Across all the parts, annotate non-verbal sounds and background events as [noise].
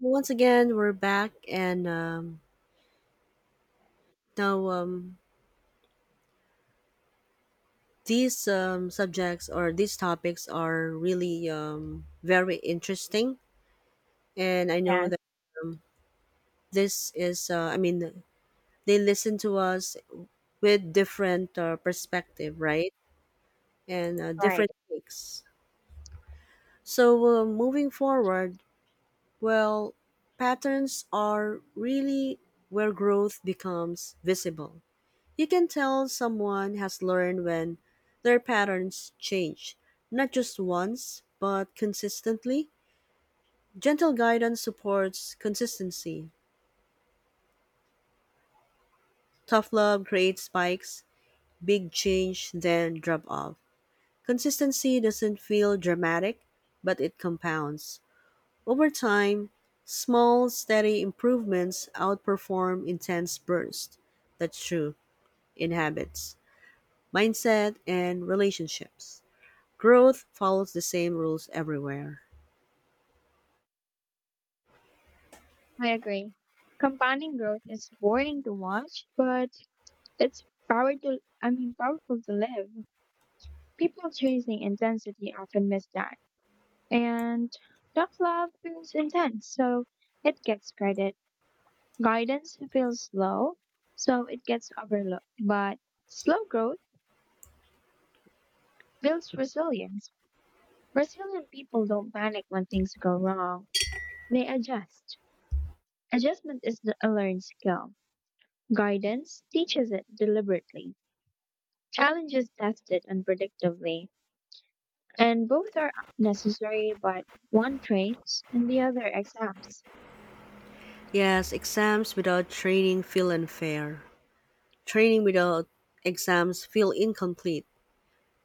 Once again we're back and now these subjects or these topics are really very interesting, and I know Yes, that this is I mean, they listen to us with different perspective, right, and right. different takes. So moving forward, well, patterns are really where growth becomes visible. You can tell someone has learned when their patterns change, not just once, but consistently. Gentle guidance supports consistency. Tough love creates spikes, big change, then drop off. Consistency doesn't feel dramatic, but it compounds. Over time, small, steady improvements outperform intense bursts. That's true in habits, mindset, and relationships. Growth follows the same rules everywhere. I agree. Compounding growth is boring to watch, but it's powerful. Powerful to live. People chasing intensity often miss that, and tough love feels intense, so it gets credit. Guidance feels slow, so it gets overlooked. But slow growth builds resilience. Resilient people don't panic when things go wrong; they adjust. Adjustment is a learned skill. Guidance teaches it deliberately, challenges test it unpredictably, and both are necessary, but one trains and the other exams. Yes, exams without training feel unfair. Training without exams feel incomplete.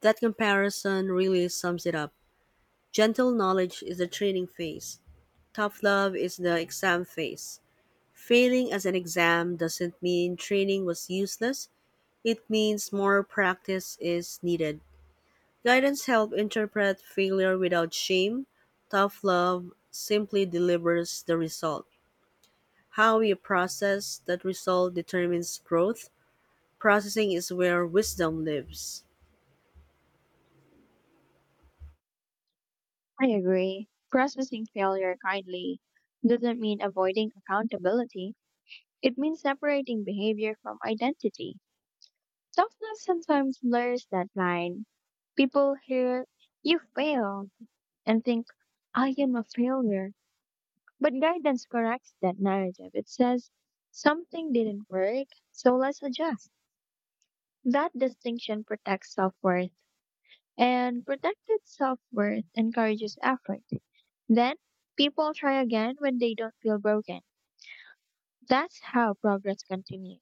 That comparison really sums it up. Gentle knowledge is the training phase. Tough love is the exam phase. Failing as an exam doesn't mean training was useless. It means more practice is needed. Guidance helps interpret failure without shame. Tough love simply delivers the result. How you process that result determines growth. Processing is where wisdom lives. I agree. Processing failure kindly doesn't mean avoiding accountability, it means separating behavior from identity. Toughness sometimes blurs that line. People hear, You failed, and think, I am a failure. But guidance corrects that narrative. It says something didn't work, so let's adjust. That distinction protects self worth, and protected self worth encourages effort. Then people try again when they don't feel broken. That's how progress continues.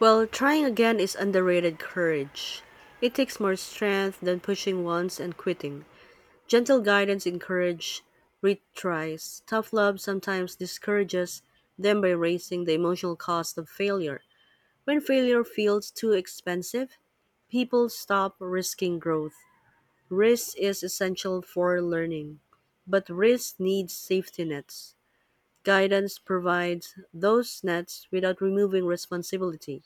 Well, trying again is underrated courage. It takes more strength than pushing once and quitting. Gentle guidance encourages retries. Tough love sometimes discourages them by raising the emotional cost of failure. When failure feels too expensive, people stop risking growth. Risk is essential for learning, but risk needs safety nets. Guidance provides those nets without removing responsibility.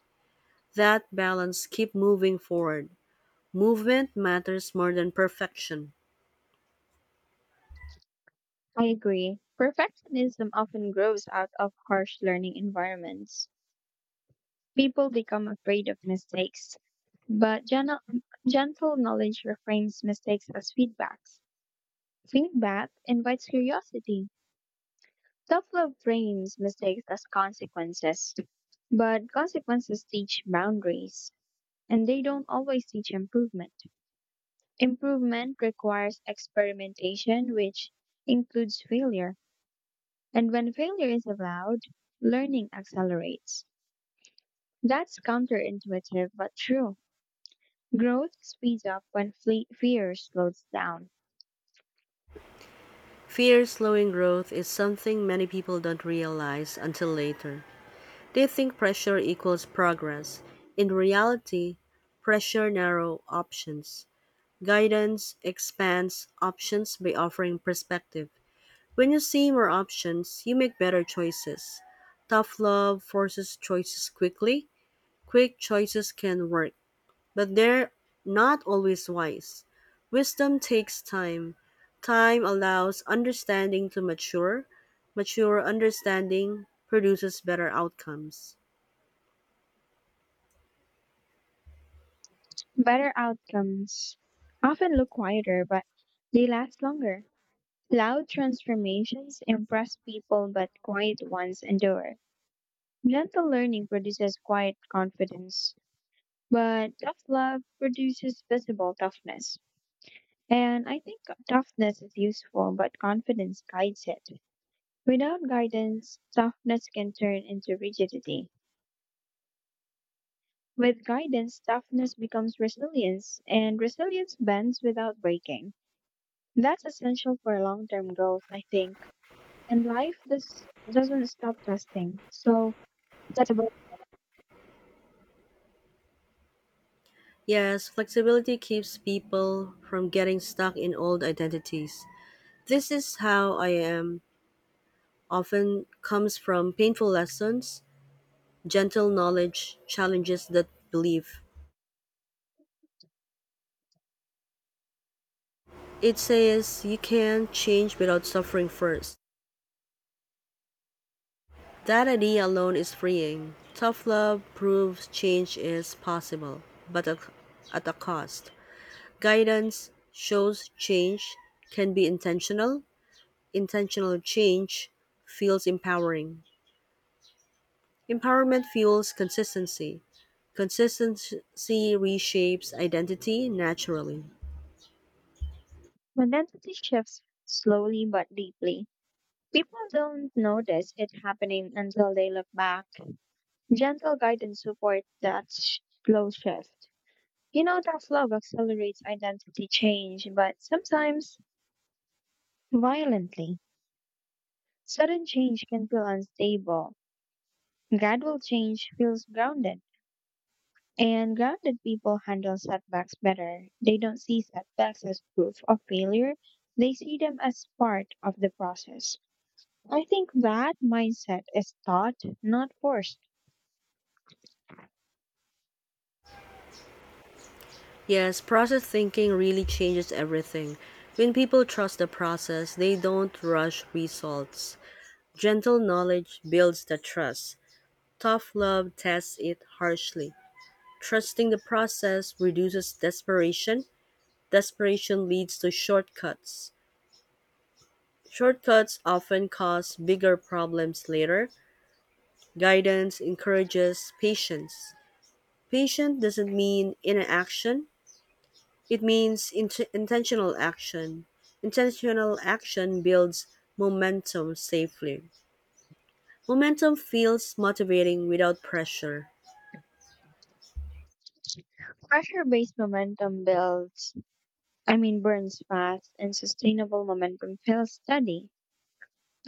That balance keep moving forward. Movement matters more than perfection. I agree. Perfectionism often grows out of harsh learning environments. People become afraid of mistakes, but gentle knowledge reframes mistakes as feedbacks. Feedback invites curiosity. Self love frames mistakes as consequences, but consequences teach boundaries, and they don't always teach improvement. Improvement requires experimentation, which includes failure. And when failure is allowed, learning accelerates. That's counterintuitive but true. Growth speeds up when fear slows down. Fear slowing growth is something many people don't realize until later. They think pressure equals progress. In reality, pressure narrows options. Guidance expands options by offering perspective. When you see more options, you make better choices. Tough love forces choices quickly. Quick choices can work, but they're not always wise. Wisdom takes time. Time allows understanding to mature. Mature understanding produces better outcomes. Better outcomes often look quieter, but they last longer. Loud transformations impress people, but quiet ones endure. Gentle learning produces quiet confidence, but tough love produces visible toughness. And I think toughness is useful, but confidence guides it. Without guidance, toughness can turn into rigidity. With guidance, toughness becomes resilience, and resilience bends without breaking. That's essential for long term growth, I think. And life does, doesn't stop testing. So, But Yes, flexibility keeps people from getting stuck in old identities. This is how I am often comes from painful lessons. Gentle knowledge challenges that belief. It says you can't change without suffering first. That idea alone is freeing. Tough love proves change is possible, but at a cost. Guidance shows change can be intentional. Intentional change feels empowering. Empowerment fuels consistency. Consistency reshapes identity naturally. When identity shifts slowly but deeply, people don't notice it happening until they look back. Gentle guidance support that slow shift. You know tough love accelerates identity change, but sometimes violently. Sudden change can feel unstable. Gradual change feels grounded. And grounded people handle setbacks better. They don't see setbacks as proof of failure. They see them as part of the process. I think that mindset is taught, not forced. Yes, process thinking really changes everything. When people trust the process, they don't rush results. Gentle knowledge builds the trust. Tough love tests it harshly. Trusting the process reduces desperation. Desperation leads to shortcuts. Shortcuts often cause bigger problems later. Guidance encourages patience. Patient doesn't mean inaction. It means intentional action. Intentional action builds momentum safely. Momentum feels motivating without pressure. Pressure based momentum burns fast, and sustainable momentum feels steady.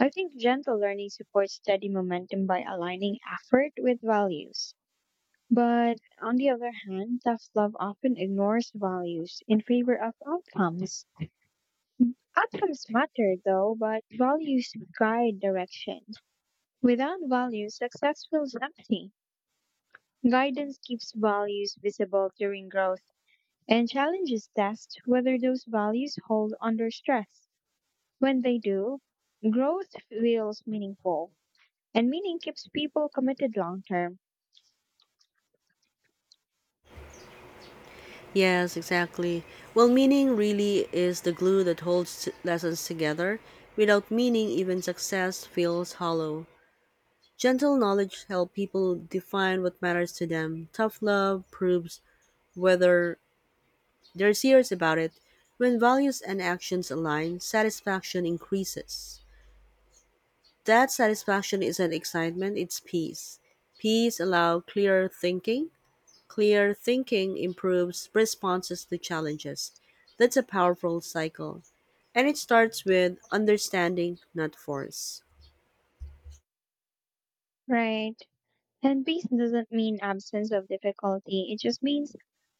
I think gentle learning supports steady momentum by aligning effort with values. But on the other hand, tough love often ignores values in favor of outcomes. Outcomes matter though, but values guide direction. Without values, success feels empty. Guidance keeps values visible during growth and challenges test whether those values hold under stress. When they do, growth feels meaningful, and meaning keeps people committed long term, Yes, exactly. Well, meaning really is the glue that holds lessons together. Without meaning, even success feels hollow. Gentle knowledge helps people define what matters to them. Tough love proves whether they're serious about it. When values and actions align, satisfaction increases. That satisfaction isn't excitement, it's peace. Peace allows clearer thinking. Clear thinking improves responses to challenges. That's a powerful cycle. And it starts with understanding, not force. right? And peace doesn't mean absence of difficulty, it just means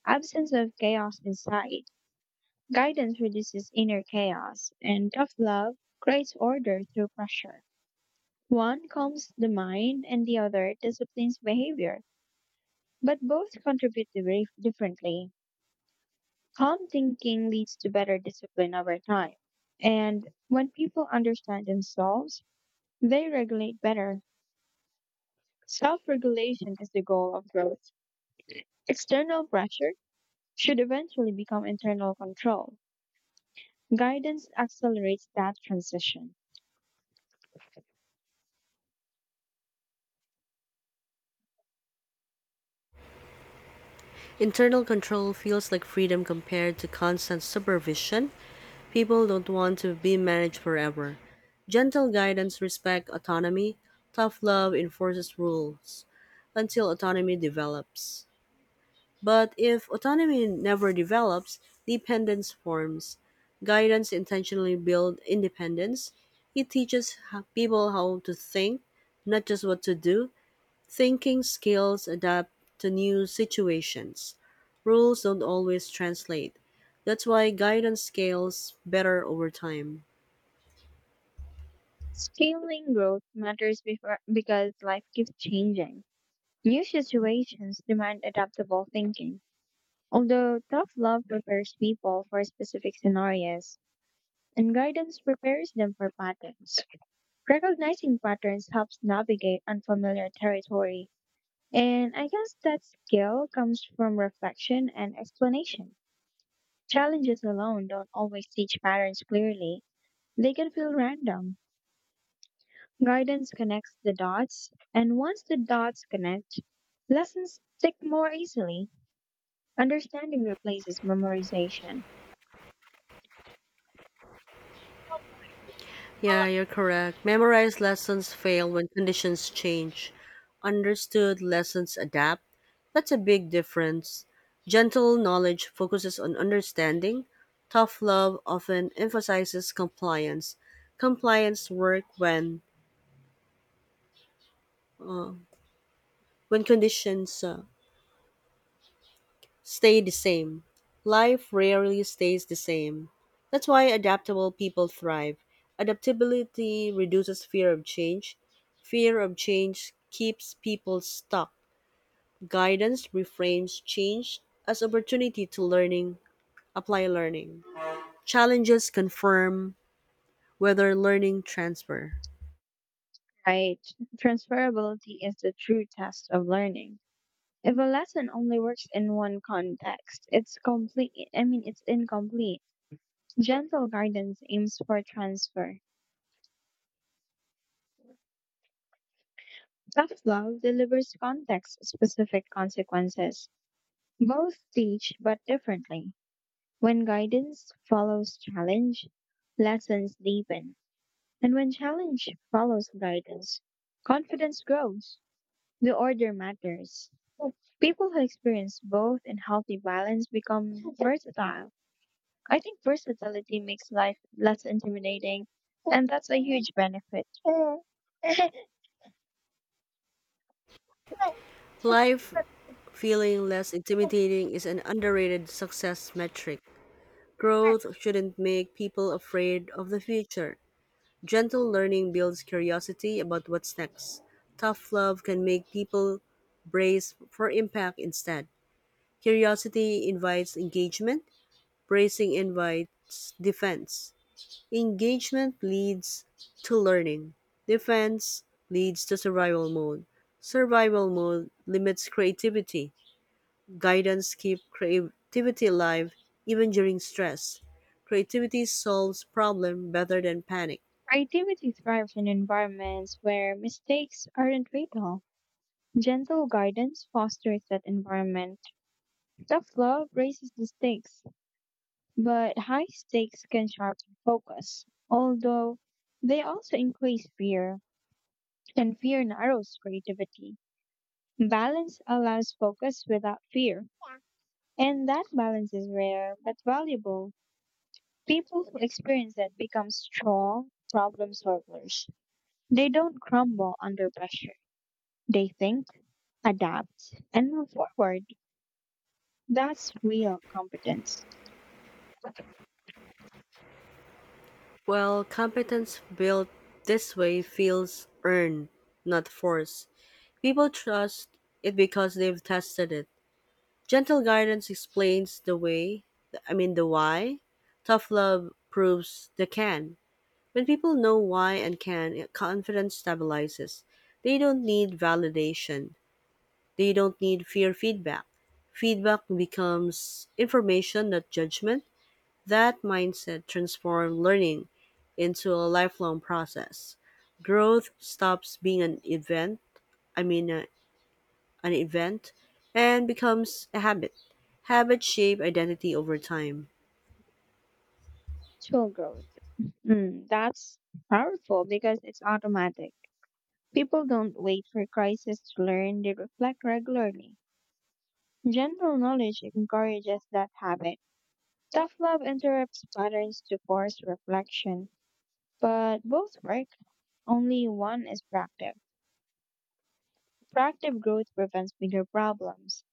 absence of chaos inside. Guidance reduces inner chaos, and tough love creates order through pressure. One calms the mind, and the other disciplines behavior. But both contribute to very differently. Calm thinking leads to better discipline over time. And when people understand themselves, they regulate better. Self regulation is the goal of growth. External pressure should eventually become internal control. Guidance accelerates that transition. Internal control feels like freedom compared to constant supervision. People don't want to be managed forever. Gentle guidance respects autonomy. Tough love enforces rules until autonomy develops. But if autonomy never develops, dependence forms. Guidance intentionally builds independence. It teaches people how to think, not just what to do. Thinking skills adapt to new situations. Rules don't always translate. That's why guidance scales better over time. Scaling growth matters before, because life keeps changing. New situations demand adaptable thinking. Although tough love prepares people for specific scenarios, and guidance prepares them for patterns. Recognizing patterns helps navigate unfamiliar territory, and I guess that skill comes from reflection and explanation. Challenges alone don't always teach patterns clearly, they can feel random. Guidance connects the dots, and once the dots connect, lessons stick more easily. Understanding replaces memorization. Yeah, you're correct. Memorized lessons fail when conditions change. Understood lessons adapt. That's a big difference. Gentle knowledge focuses on understanding. Tough love often emphasizes compliance. Compliance work uh, when conditions stay the same. Life rarely stays the same. That's why adaptable people thrive. Adaptability reduces fear of change. Fear of change keeps people stuck. Guidance reframes change as opportunity apply learning. Challenges confirm whether learning transfer. Right. Transferability is the true test of learning. If a lesson only works in one context, it's complete. I mean, it's incomplete. Gentle guidance aims for transfer. Tough love delivers context specific consequences. Both teach, but differently. When guidance follows challenge, lessons deepen. And when challenge follows guidance, confidence grows. The order matters. People who experience both and healthy balance become versatile. I think versatility makes life less intimidating, and that's a huge benefit. Life feeling less intimidating is an underrated success metric. Growth shouldn't make people afraid of the future. Gentle learning builds curiosity about what's next. Tough love can make people brace for impact instead. Curiosity invites engagement, bracing invites defense. Engagement leads to learning, defense leads to survival mode. Survival mode limits creativity. Guidance keeps creativity alive even during stress. Creativity solves problem better than panic. Creativity thrives in environments where mistakes aren't fatal. Gentle guidance fosters that environment. Tough love raises the stakes, but high stakes can sharpen focus, although they also increase fear, and fear narrows creativity. Balance allows focus without fear, and that balance is rare but valuable. People who experience it become strong problem solvers. They don't crumble under pressure. They think, adapt, and move forward. That's real competence. Well, competence built this way feels earned, not forced. People trust it because they've tested it. Gentle guidance explains I mean, the why. Tough love proves the can. When people know why and can, confidence stabilizes. They don't need validation, they don't need fear feedback. Feedback becomes information, not judgment. That mindset transforms learning into a lifelong process. Growth stops being an event, I mean uh, an event, and becomes a habit. Habits shape identity over time. Skill growth. That's powerful because it's automatic. People don't wait for crisis to learn, they reflect regularly. General knowledge encourages that habit. Tough love interrupts patterns to force reflection. But both work, only one is proactive. Proactive growth prevents bigger problems,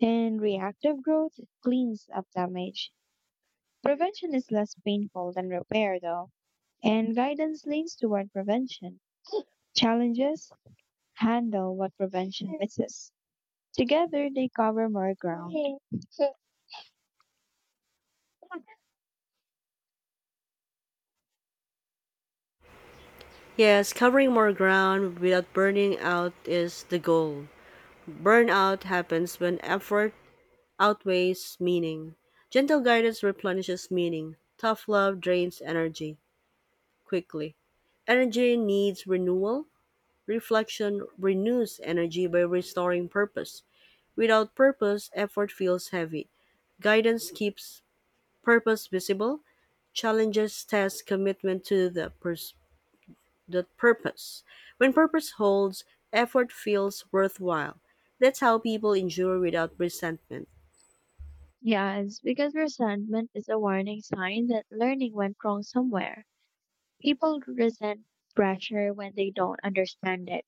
and reactive growth cleans up damage. Prevention is less painful than repair, though, and guidance leans toward prevention. Challenges handle what prevention misses. Together, they cover more ground. Yes, covering more ground without burning out is the goal. Burnout happens when effort outweighs meaning. Gentle guidance replenishes meaning. Tough love drains energy quickly. Energy needs renewal. Reflection renews energy by restoring purpose. Without purpose, effort feels heavy. Guidance keeps purpose visible. Challenges test commitment to the purpose. When purpose holds, effort feels worthwhile. That's how people endure without resentment. Yes, because resentment is a warning sign that learning went wrong somewhere. People resent pressure when they don't understand it.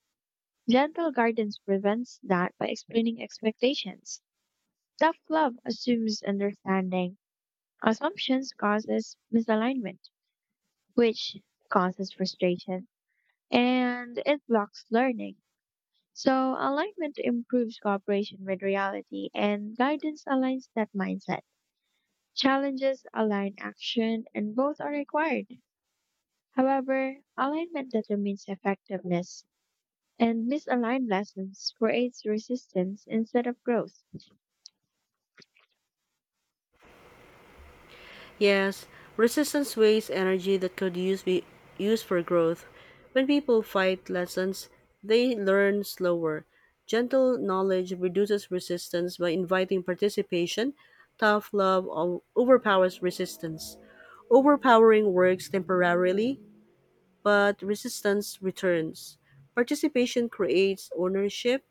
Gentle guidance prevents that by explaining expectations. Tough love assumes understanding. Assumptions causes misalignment, which causes frustration, and it blocks learning. So alignment improves cooperation with reality, and guidance aligns that mindset. Challenges align action and both are required. However, alignment determines effectiveness, and misaligned lessons creates resistance instead of growth. Yes, resistance wastes energy that could use be used for growth. When people fight lessons, they learn slower. Gentle knowledge reduces resistance by inviting participation. Tough love overpowers resistance. Overpowering works temporarily, but resistance returns. Participation creates ownership.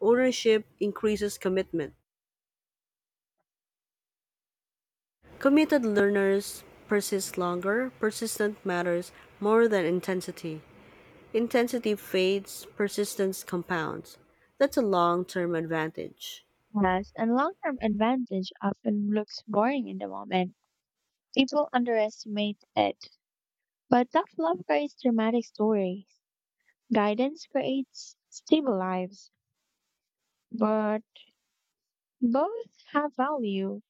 Ownership increases commitment. Committed learners persist longer. Persistence matters more than intensity. Intensity fades, persistence compounds. That's a long term advantage. Plus, and long term advantage often looks boring in the moment. People underestimate it. But tough love creates dramatic stories. Guidance creates stable lives. But both have value.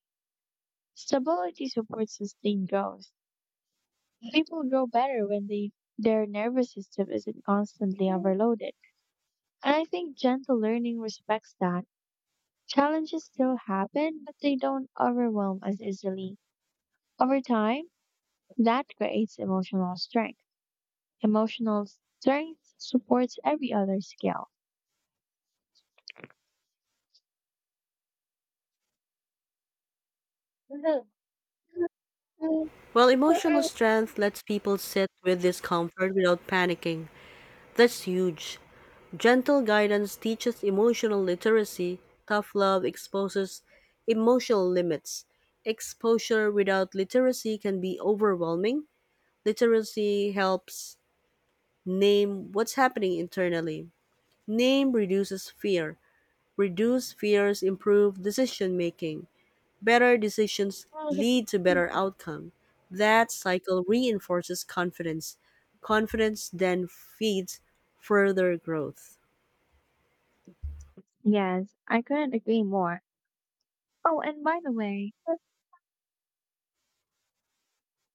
Stability supports sustained growth. People grow better when they their nervous system isn't constantly overloaded. And I think gentle learning respects that. Challenges still happen, but they don't overwhelm as easily. Over time, that creates emotional strength. Emotional strength supports every other skill. While emotional strength lets people sit with discomfort without panicking, that's huge. Gentle guidance teaches emotional literacy, tough love exposes emotional limits. Exposure without literacy can be overwhelming. Literacy helps name what's happening internally. Name reduces fear. Reduce fears improve decision making. Better decisions lead to better outcome. That cycle reinforces confidence. Confidence then feeds further growth. Yes, I couldn't agree more. Oh, and by the way,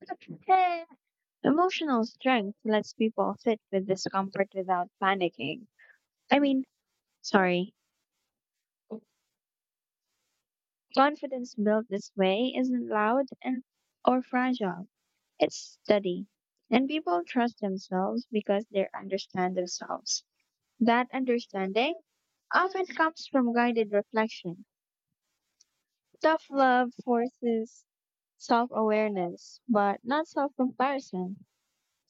[laughs] emotional strength lets people sit with discomfort without panicking. I mean, sorry, Confidence built this way isn't loud and or fragile. It's steady. And people trust themselves because they understand themselves. That understanding often comes from guided reflection. Tough love forces self awareness, but not self comparison.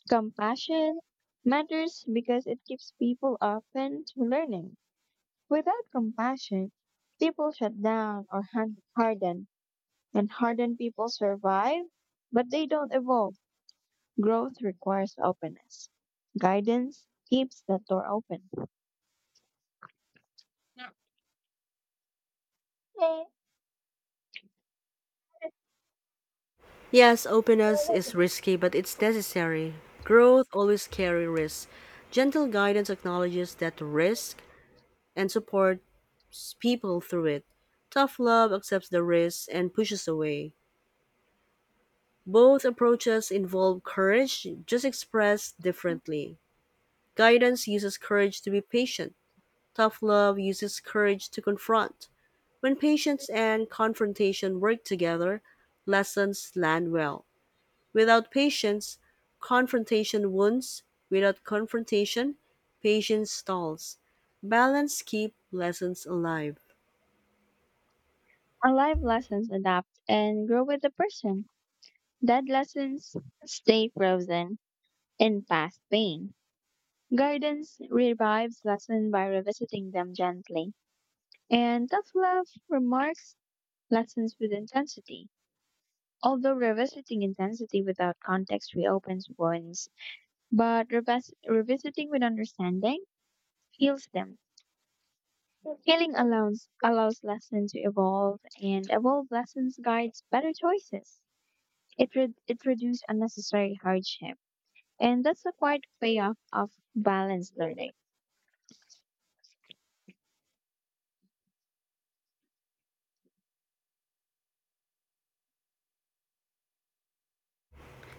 Compassion matters because it keeps people open to learning. Without compassion, people shut down or harden. And hardened people survive, but they don't evolve. Growth requires openness. Guidance keeps that door open. Eh, Yes, openness is risky, but it's necessary. Growth always carry risk. Gentle guidance acknowledges that risk and supports people through it. Tough love accepts the risk and pushes away. Both approaches involve courage, just expressed differently. Guidance uses courage to be patient. Tough love uses courage to confront. When patience and confrontation work together, lessons land well. Without patience, confrontation wounds. Without confrontation, patience stalls. Balance keeps lessons alive. Alive lessons adapt and grow with the person. Dead lessons stay frozen in past pain. Guidance revives lessons by revisiting them gently. And tough love remarks lessons with intensity. Although revisiting intensity without context reopens wounds, but revisiting with understanding heals them. Allows lessons to evolve, and evolved lessons guides better choices. It reduces unnecessary hardship, and that's the quiet payoff of balanced learning.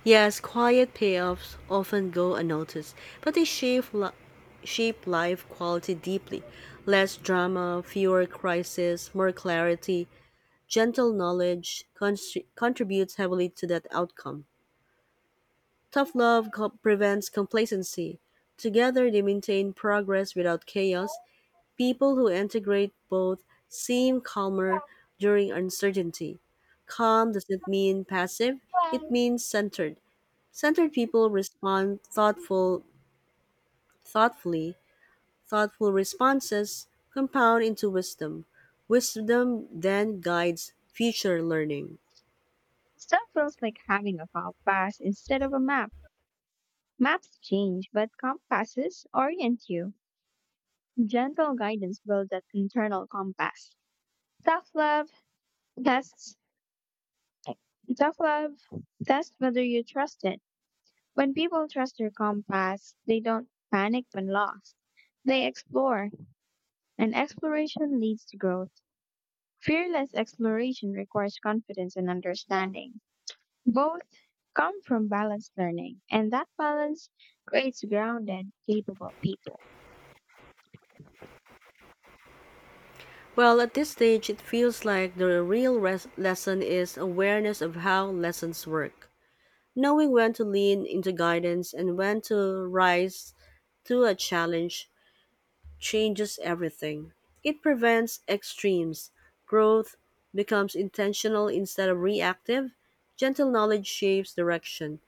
Yes, quiet payoffs often go unnoticed, but they shape life quality deeply. Less drama, fewer crises, more clarity, gentle knowledge contributes heavily to that outcome. Tough love prevents complacency. Together, they maintain progress without chaos. People who integrate both seem calmer during uncertainty. Calm doesn't mean passive, it means centered. Centered people respond thoughtfully. Thoughtful responses compound into wisdom. Wisdom then guides future learning. Stuff feels like having a compass instead of a map. Maps change, but compasses orient you. Gentle guidance builds that internal compass. Tough love tests, tough love tests whether you trust it. When people trust their compass, they don't panic when lost. They explore, and exploration leads to growth. Fearless exploration requires confidence and understanding. Both come from balanced learning, and that balance creates grounded, capable people. Well, at this stage, it feels like the real lesson is awareness of how lessons work. Knowing when to lean into guidance and when to rise to a challenge changes everything. It prevents extremes. Growth becomes intentional instead of reactive. Gentle knowledge shapes direction.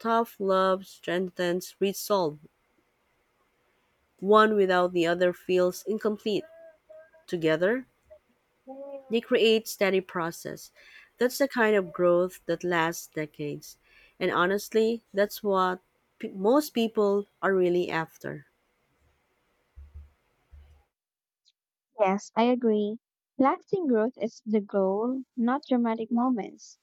Tough love strengthens resolve. One without the other feels incomplete. Together, they create steady process. That's the kind of growth that lasts decades. And honestly, that's what most people are really after. Yes, I agree. Lasting growth is the goal, not dramatic moments.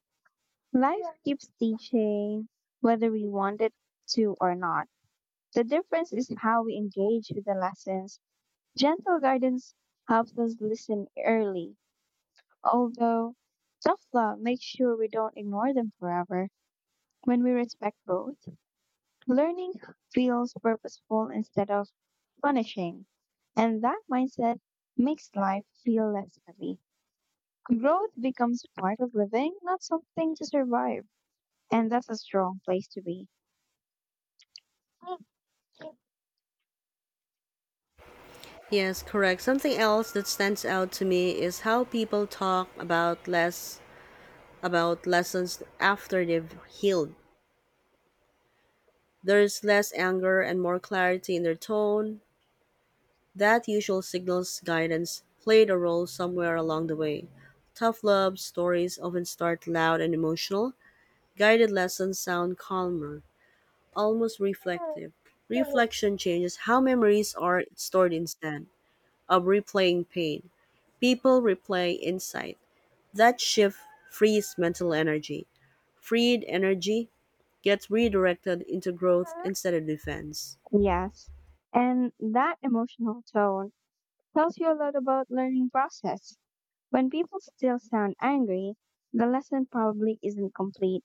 Life keeps teaching whether we want it to or not. The difference is how we engage with the lessons. Gentle guidance helps us listen early, although tough love makes sure we don't ignore them forever. When we respect both, learning feels purposeful instead of punishing, and that mindset makes life feel less heavy. Growth becomes part of living, not something to survive, and that's a strong place to be. Yes, correct. Something else that stands out to me is how people talk about lessons after they've healed. There's less anger and more clarity in their tone. That usual signals guidance played a role somewhere along the way. Tough love stories often start loud and emotional. Guided lessons sound calmer, almost reflective. Reflection changes how memories are stored instead of replaying pain. People replay insight. That shift frees mental energy. Freed energy gets redirected into growth instead of defense. Yes, and that emotional tone tells you a lot about learning process. When people still sound angry, the lesson probably isn't complete.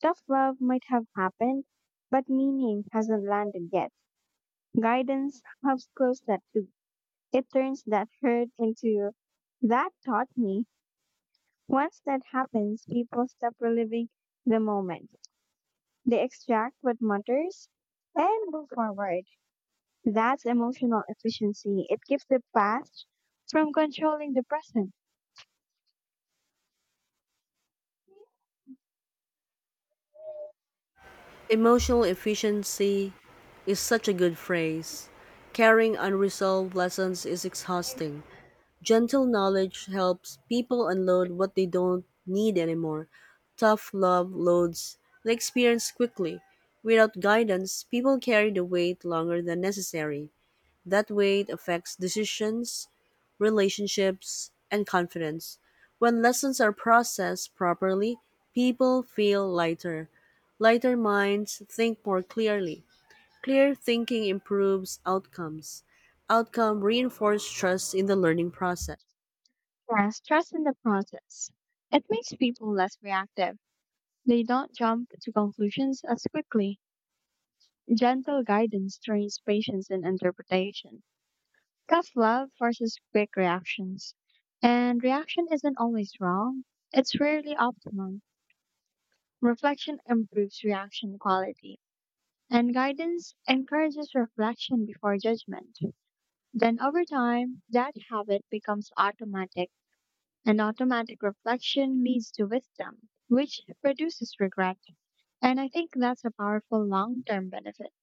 Tough love might have happened, but meaning hasn't landed yet. Guidance helps close that loop. It turns that hurt into that taught me. Once that happens, people stop reliving the moment. They extract what matters and move forward. That's emotional efficiency. It keeps the past from controlling the present. Emotional efficiency is such a good phrase. Carrying unresolved lessons is exhausting. Gentle knowledge helps people unload what they don't need anymore. Tough love loads the experience quickly. Without guidance, people carry the weight longer than necessary. That weight affects decisions, relationships, and confidence. When lessons are processed properly, people feel lighter. Lighter minds think more clearly. Clear thinking improves outcomes. Outcome reinforces trust in the learning process. Yes, trust in the process. It makes people less reactive. They don't jump to conclusions as quickly. Gentle guidance trains patience in interpretation. Tough love forces quick reactions. And reaction isn't always wrong, it's rarely optimum. Reflection improves reaction quality. And guidance encourages reflection before judgment. Then over time, that habit becomes automatic. And automatic reflection leads to wisdom, which reduces regret. And I think that's a powerful long term benefit.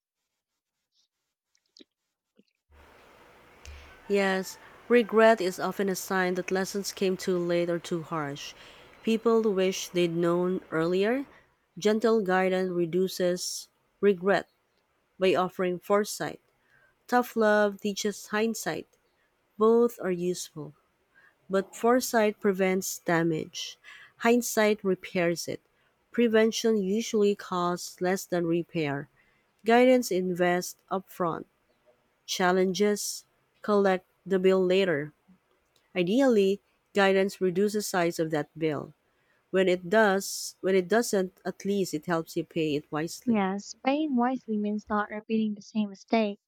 Yes, regret is often a sign that lessons came too late or too harsh. People wish they'd known earlier. Gentle guidance reduces regret by offering foresight. Tough love teaches hindsight. Both are useful, but foresight prevents damage. Hindsight repairs it. Prevention usually costs less than repair. Guidance invests upfront. Challenges collect the bill later. Ideally, guidance reduces the size of that bill. When it does, when it doesn't, at least it helps you pay it wisely. Yes, paying wisely means not repeating the same mistake.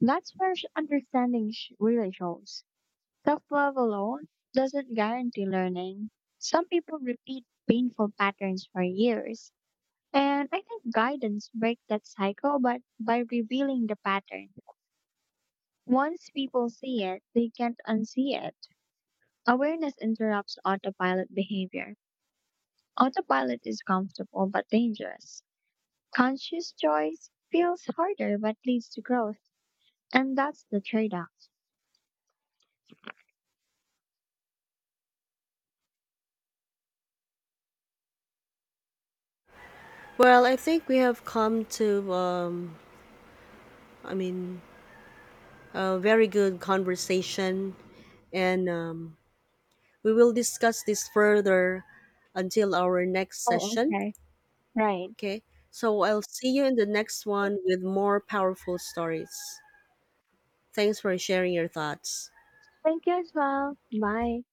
That's where really shows. Self love alone doesn't guarantee learning. Some people repeat painful patterns for years. And I think guidance breaks that cycle but by revealing the pattern. Once people see it, they can't unsee it. Awareness interrupts autopilot behavior. Autopilot is comfortable but dangerous. Conscious choice feels harder but leads to growth, and that's the trade off. Well, I think we have come to I mean, a very good conversation, and we will discuss this further until our next Oh, session. okay. Right. Okay, so I'll see you in the next one with more powerful stories. Thanks for sharing your thoughts. Thank you as well. Bye.